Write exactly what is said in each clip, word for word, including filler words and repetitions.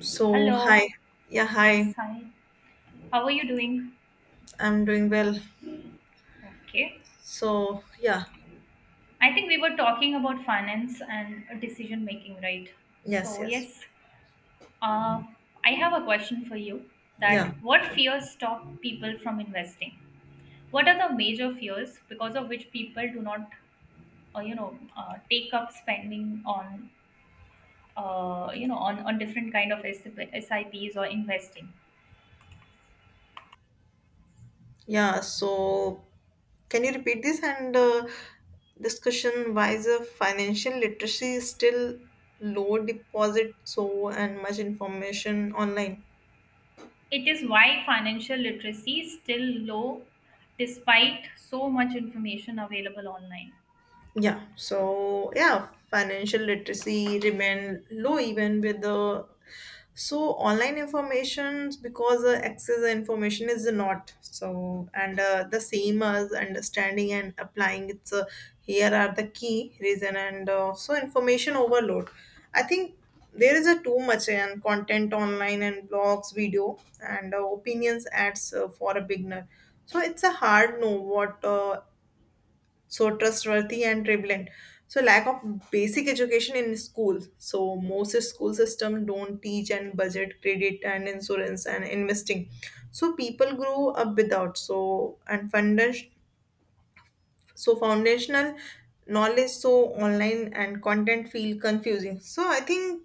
So, hi. Hello. Yeah, Yes, hi. hi. How are you doing? I'm doing well. Okay. So, yeah. I think we were talking about finance and decision making, right? Yes, So, yes. yes, uh, I have a question for you that Yeah, what sure. fears stop people from investing? What are the major fears because of which people do not, uh, you know, uh, take up spending on, uh, you know, on, on different kind of S I Ps or investing? Yeah, so can you repeat this and uh, discussion why is the financial literacy is still low deposit so and much information online? It is why financial literacy is still low despite so much information available online. Yeah, so yeah, financial literacy remain low even with the so online informations because uh, access the information is not so and uh, the same as understanding and applying it's. Uh, here are the key reason and uh, so information overload. I think there is a too much and content online and blogs video and uh, opinions ads uh, for a beginner, so it's a hard know what, uh, so trustworthy and prevalent. So lack of basic education in schools, so most school system don't teach and budget credit and insurance and investing, so people grow up without so and funders, so foundational knowledge, so online and content feel confusing. So I think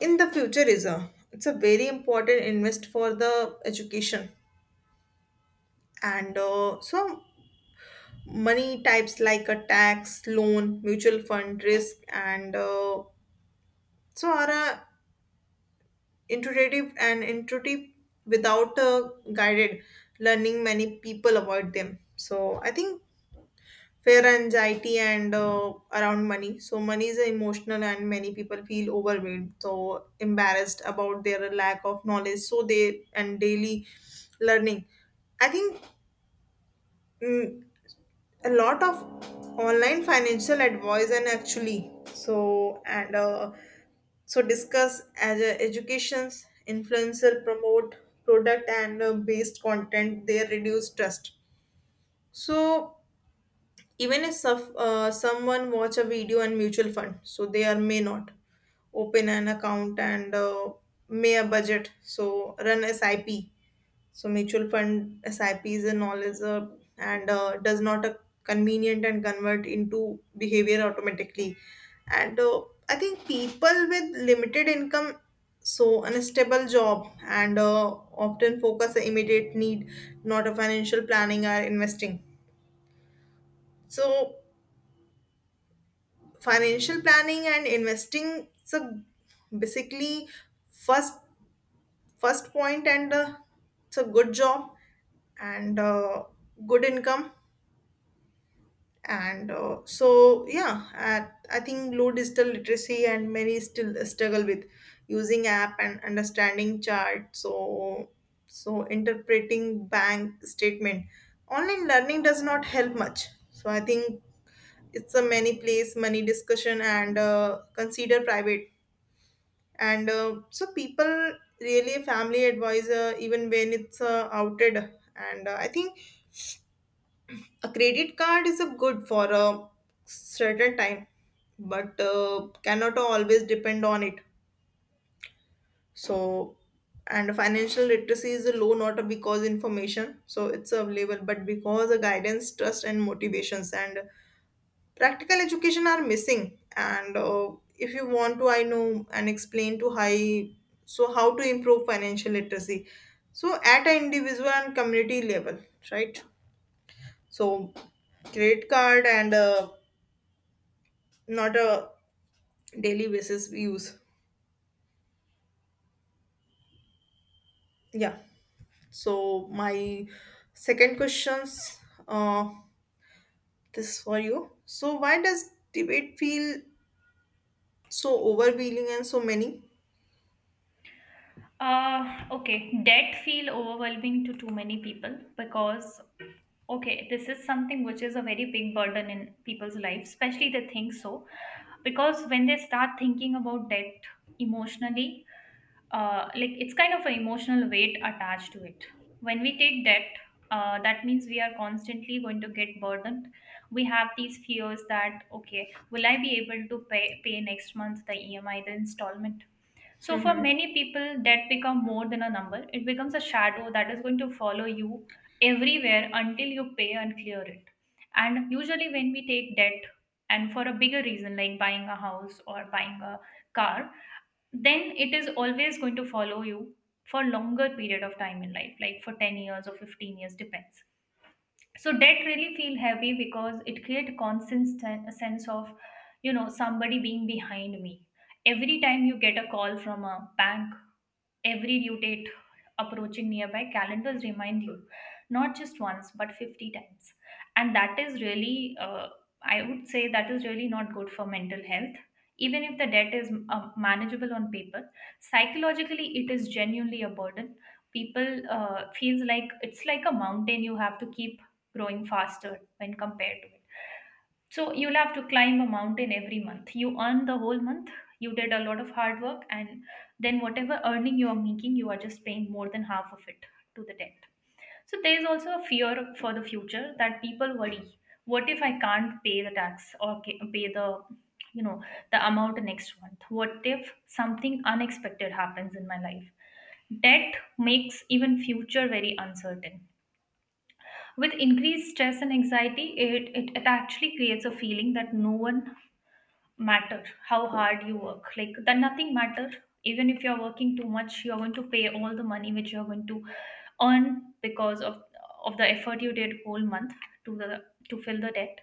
in the future is a it's a very important invest for the education and uh, so money types like a tax, loan, mutual fund, risk, and uh, so are uh, intuitive and intuitive without uh, guided learning. Many people avoid them. So I think fear, anxiety, and uh, around money. So money is emotional, and many people feel overwhelmed, so embarrassed about their lack of knowledge. So they and daily learning. I think. mm, a lot of online financial advice and actually so and uh, so discuss as a educations influencer promote product and uh, based content they reduce trust. So even if suff- uh, someone watch a video on mutual fund, so they are may not open an account and uh, may a budget so run sip, so mutual fund S I Ps and all is a and uh, does not a convenient and convert into behavior automatically. And uh, I think people with limited income, so unstable job, and uh, often focus on immediate need, not a financial planning or investing. So financial planning and investing, so basically first first point and uh, it's a good job and uh, good income and uh, so yeah at, I think low digital literacy and many still struggle with using app and understanding chart, so so interpreting bank statement online learning does not help much. So I think it's a many place money discussion and uh, consider private and uh, so people really family advisor even when it's uh, outed. And uh, I think a credit card is a good for a certain time, but uh, cannot always depend on it. So and financial literacy is low not because information so it's available but because the guidance trust and motivations and practical education are missing, and uh, if you want to I know and explain to high, so how to improve financial literacy, so at an individual and community level, right? So credit card and uh, not a daily basis we use, yeah. So my second questions, uh, this for you. So why does debate feel so overwhelming and so many? Uh, okay, debt feel overwhelming to too many people because okay, this is something which is a very big burden in people's lives, especially they think so. Because when they start thinking about debt emotionally, uh, like it's kind of an emotional weight attached to it. When we take debt, uh, that means we are constantly going to get burdened. We have these fears that okay, will I be able to pay pay next month the E M I, the installment? So for Hmm. many people, debt become more than a number. It becomes a shadow that is going to follow you everywhere until you pay and clear it. And usually, when we take debt, and for a bigger reason like buying a house or buying a car, then it is always going to follow you for longer period of time in life like for ten years or fifteen years depends. So debt really feel heavy because it create a constant sen- a sense of, you know, somebody being behind me every time you get a call from a bank. Every due date approaching nearby, calendars remind you not just once but fifty times. And that is really, uh, I would say, that is really not good for mental health. Even if the debt is uh, manageable on paper, psychologically it is genuinely a burden. People uh, feels like it's like a mountain you have to keep growing faster when compared to it. So you'll have to climb a mountain every month. You earn the whole month. You did a lot of hard work, and then whatever earning you are making, you are just paying more than half of it to the debt. So there's also a fear for the future that people worry: what if I can't pay the tax or ca- pay the, you know, the amount next month? What if something unexpected happens in my life? Debt makes even future very uncertain. With increased stress and anxiety, it, it, it actually creates a feeling that no one matter how hard you work like that nothing matter, even if you're working too much you're going to pay all the money which you're going to earn because of of the effort you did whole month to the to fill the debt.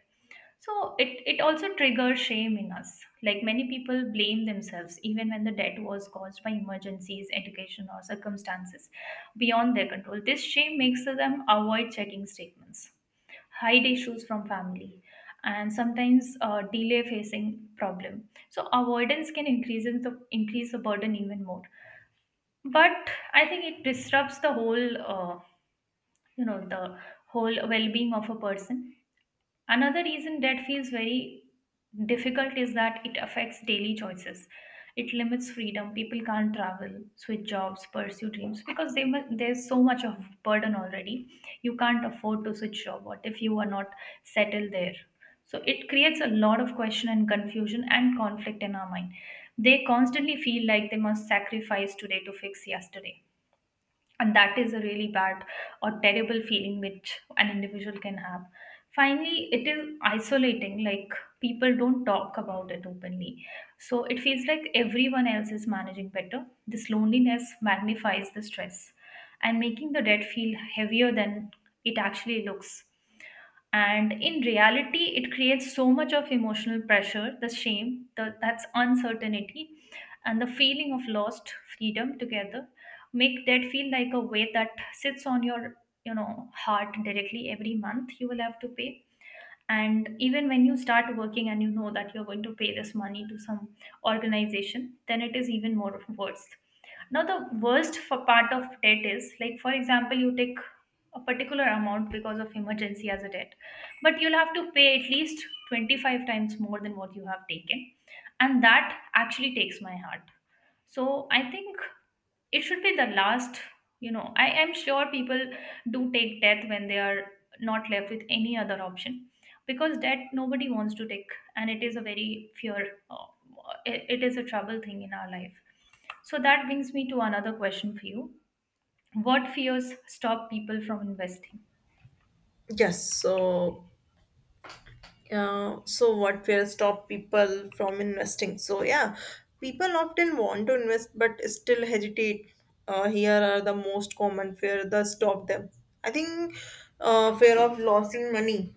So it it also triggers shame in us, like many people blame themselves even when the debt was caused by emergencies, education or circumstances beyond their control. This shame makes them avoid checking statements, hide issues from family, and sometimes uh, delay facing problem. So avoidance can increase in the increase the burden even more. But I think it disrupts the whole, uh, you know, the whole well-being of a person. Another reason debt feels very difficult is that it affects daily choices. It limits freedom. People can't travel, switch jobs, pursue dreams because they, mu- there's so much of burden already. You can't afford to switch job. What if you are not settled there? So it creates a lot of question and confusion and conflict in our mind. They constantly feel like they must sacrifice today to fix yesterday, and that is a really bad or terrible feeling which an individual can have. Finally, it is isolating, like people don't talk about it openly, so it feels like everyone else is managing better. This loneliness magnifies the stress and making the debt feel heavier than it actually looks. And in reality, it creates so much of emotional pressure, the shame, the, that's uncertainty and the feeling of lost freedom together make that feel like a weight that sits on your, you know, heart directly. Every month you will have to pay, and even when you start working and you know that you're going to pay this money to some organization, then it is even more worse. Now the worst for part of debt is like, for example, you take a particular amount because of emergency as a debt, but you'll have to pay at least twenty-five times more than what you have taken, and that actually takes my heart. So I think it should be the last. You know, I am sure people do take death when they are not left with any other option, because debt nobody wants to take, and it is a very fear, uh, it it is a trouble thing in our life. So that brings me to another question for you: what fears stop people from investing? Yes. So uh, so what will stop people from investing, so yeah, people often want to invest but still hesitate. Uh, here are the most common fear that stop them. I think uh, fear of losing money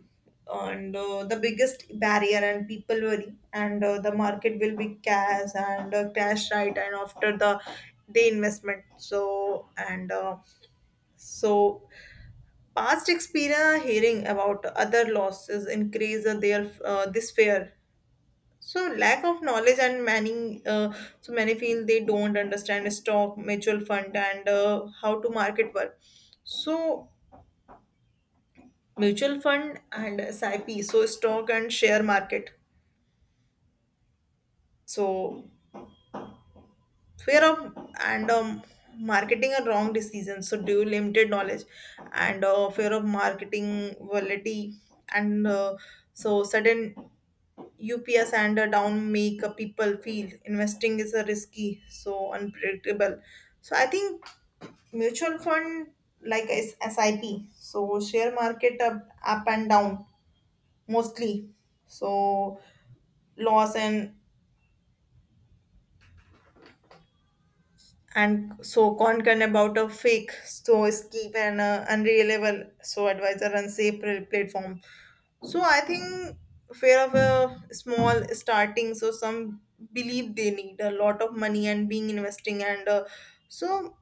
and uh, the biggest barrier, and people worry and uh, the market will be cash and uh, cash right and after the day investment so and uh, so past experience hearing about other losses increase their uh, this fear. So lack of knowledge and many, uh, so many feel they don't understand stock, mutual fund, and uh, how to market work. So mutual fund and S I P, so stock and share market. So fear of and um, marketing a wrong decision. So due limited knowledge and uh, fear of marketing volatility and uh, so sudden ups and a down make uh, people feel investing is a risky, so unpredictable. So I think mutual fund like is S I P, so share market up, up and down mostly. So loss and and so concern about a fake, so skip and uh, unreliable, so advisor and safe platform. So I think fear of a small starting. So some believe they need a lot of money and being investing and uh, so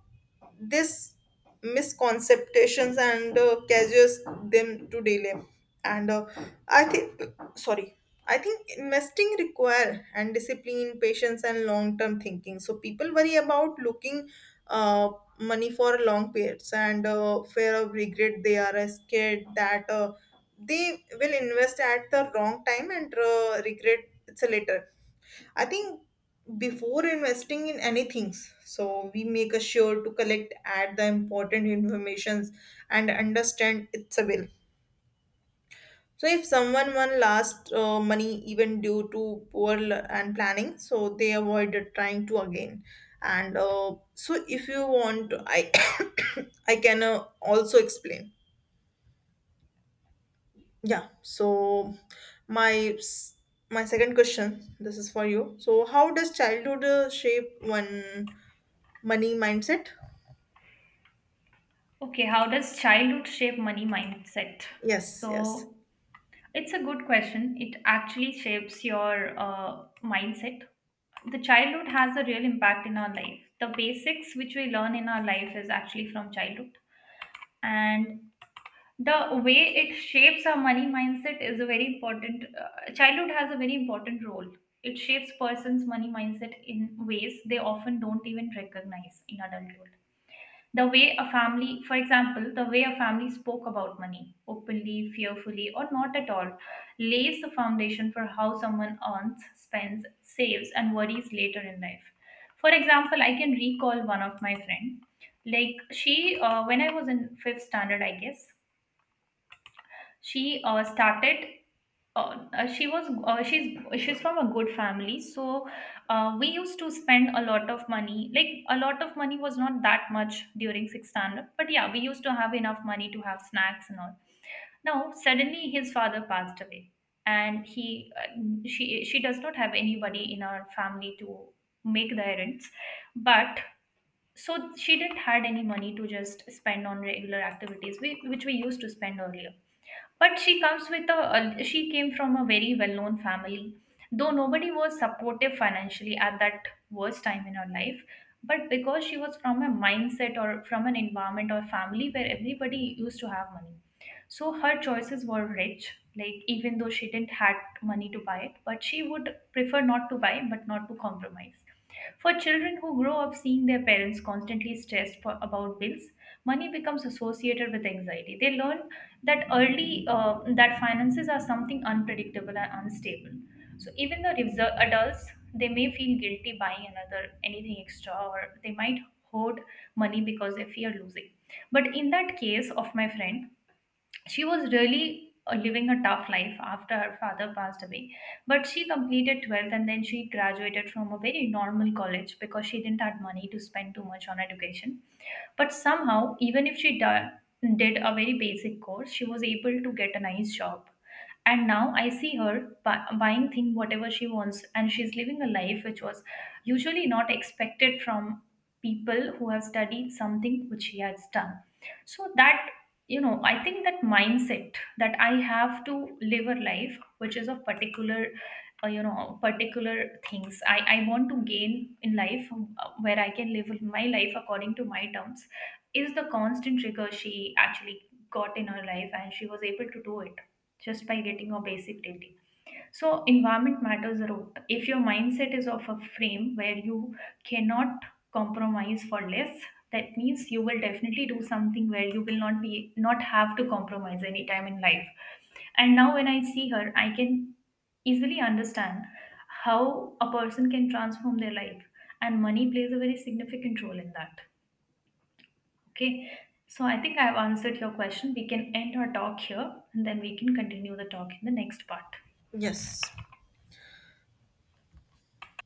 this misconceptions and uh, causes them to delay and uh, I think sorry I think investing require and discipline patience and long term thinking, so people worry about looking uh, money for long periods and uh, fear of regret. They are uh, scared that uh, they will invest at the wrong time and uh, regret it's later. I think before investing in anything, so we make a sure to collect add the important informations and understand its will. So if someone won last uh, money even due to poor l- and planning, so they avoided trying to again. And uh, so if you want, I I can uh, also explain. Yeah. So my s- my second question, this is for you. So how does childhood uh, shape one money mindset? Okay, how does childhood shape money mindset? Yes, So yes, it's a good question. It actually shapes your, uh, mindset. The childhood has a real impact in our life. The basics which we learn in our life is actually from childhood. And the way it shapes our money mindset is a very important, uh, childhood has a very important role. It shapes person's money mindset in ways they often don't even recognize in adulthood. The way a family, for example, the way a family spoke about money openly, fearfully or not at all, lays the foundation for how someone earns, spends, saves and worries later in life. For example, I can recall one of my friend. Like she, uh, when I was in fifth standard, I guess, she uh, started, uh, uh, she was uh, she's she's from a good family. So, uh, we used to spend a lot of money, like a lot of money was not that much during sixth standard, but yeah, we used to have enough money to have snacks and all. Now suddenly his father passed away, and he, uh, she she does not have anybody in our family to make the errands. But so she didn't had any money to just spend on regular activities we, which we used to spend earlier. But she comes with a a- she came from a very well-known family, though nobody was supportive financially at that worst time in her life. But because she was from a mindset or from an environment or family where everybody used to have money, so her choices were rich, like even though she didn't had money to buy it, but she would prefer not to buy but not to compromise. For children who grow up seeing their parents constantly stressed for, about bills, money becomes associated with anxiety. They learn that early, uh, that finances are something unpredictable and unstable. So even the reser- adults, they may feel guilty buying another anything extra, or they might hoard money because they fear losing. But in that case of my friend, she was really uh, living a tough life after her father passed away. But she completed twelfth and then she graduated from a very normal college because she didn't have money to spend too much on education. But somehow, even if she di- did a very basic course, she was able to get a nice job. And now I see her bu- buying thing whatever she wants, and she's living a life which was usually not expected from people who have studied something which she has done. So that, you know, I think that mindset, that I have to live a life which is of particular, uh, you know, particular things i i want to gain in life, um, uh, where I can live my life according to my terms, is the constant rigor she actually got in her life, and she was able to do it just by getting a basic degree. So, environment matters a lot. If your mindset is of a frame where you cannot compromise for less, that means you will definitely do something where you will not be not have to compromise any time in life. And now, when I see her, I can easily understand how a person can transform their life, and money plays a very significant role in that. Okay. So, I think I've answered your question. We can end our talk here and then we can continue the talk in the next part. yes.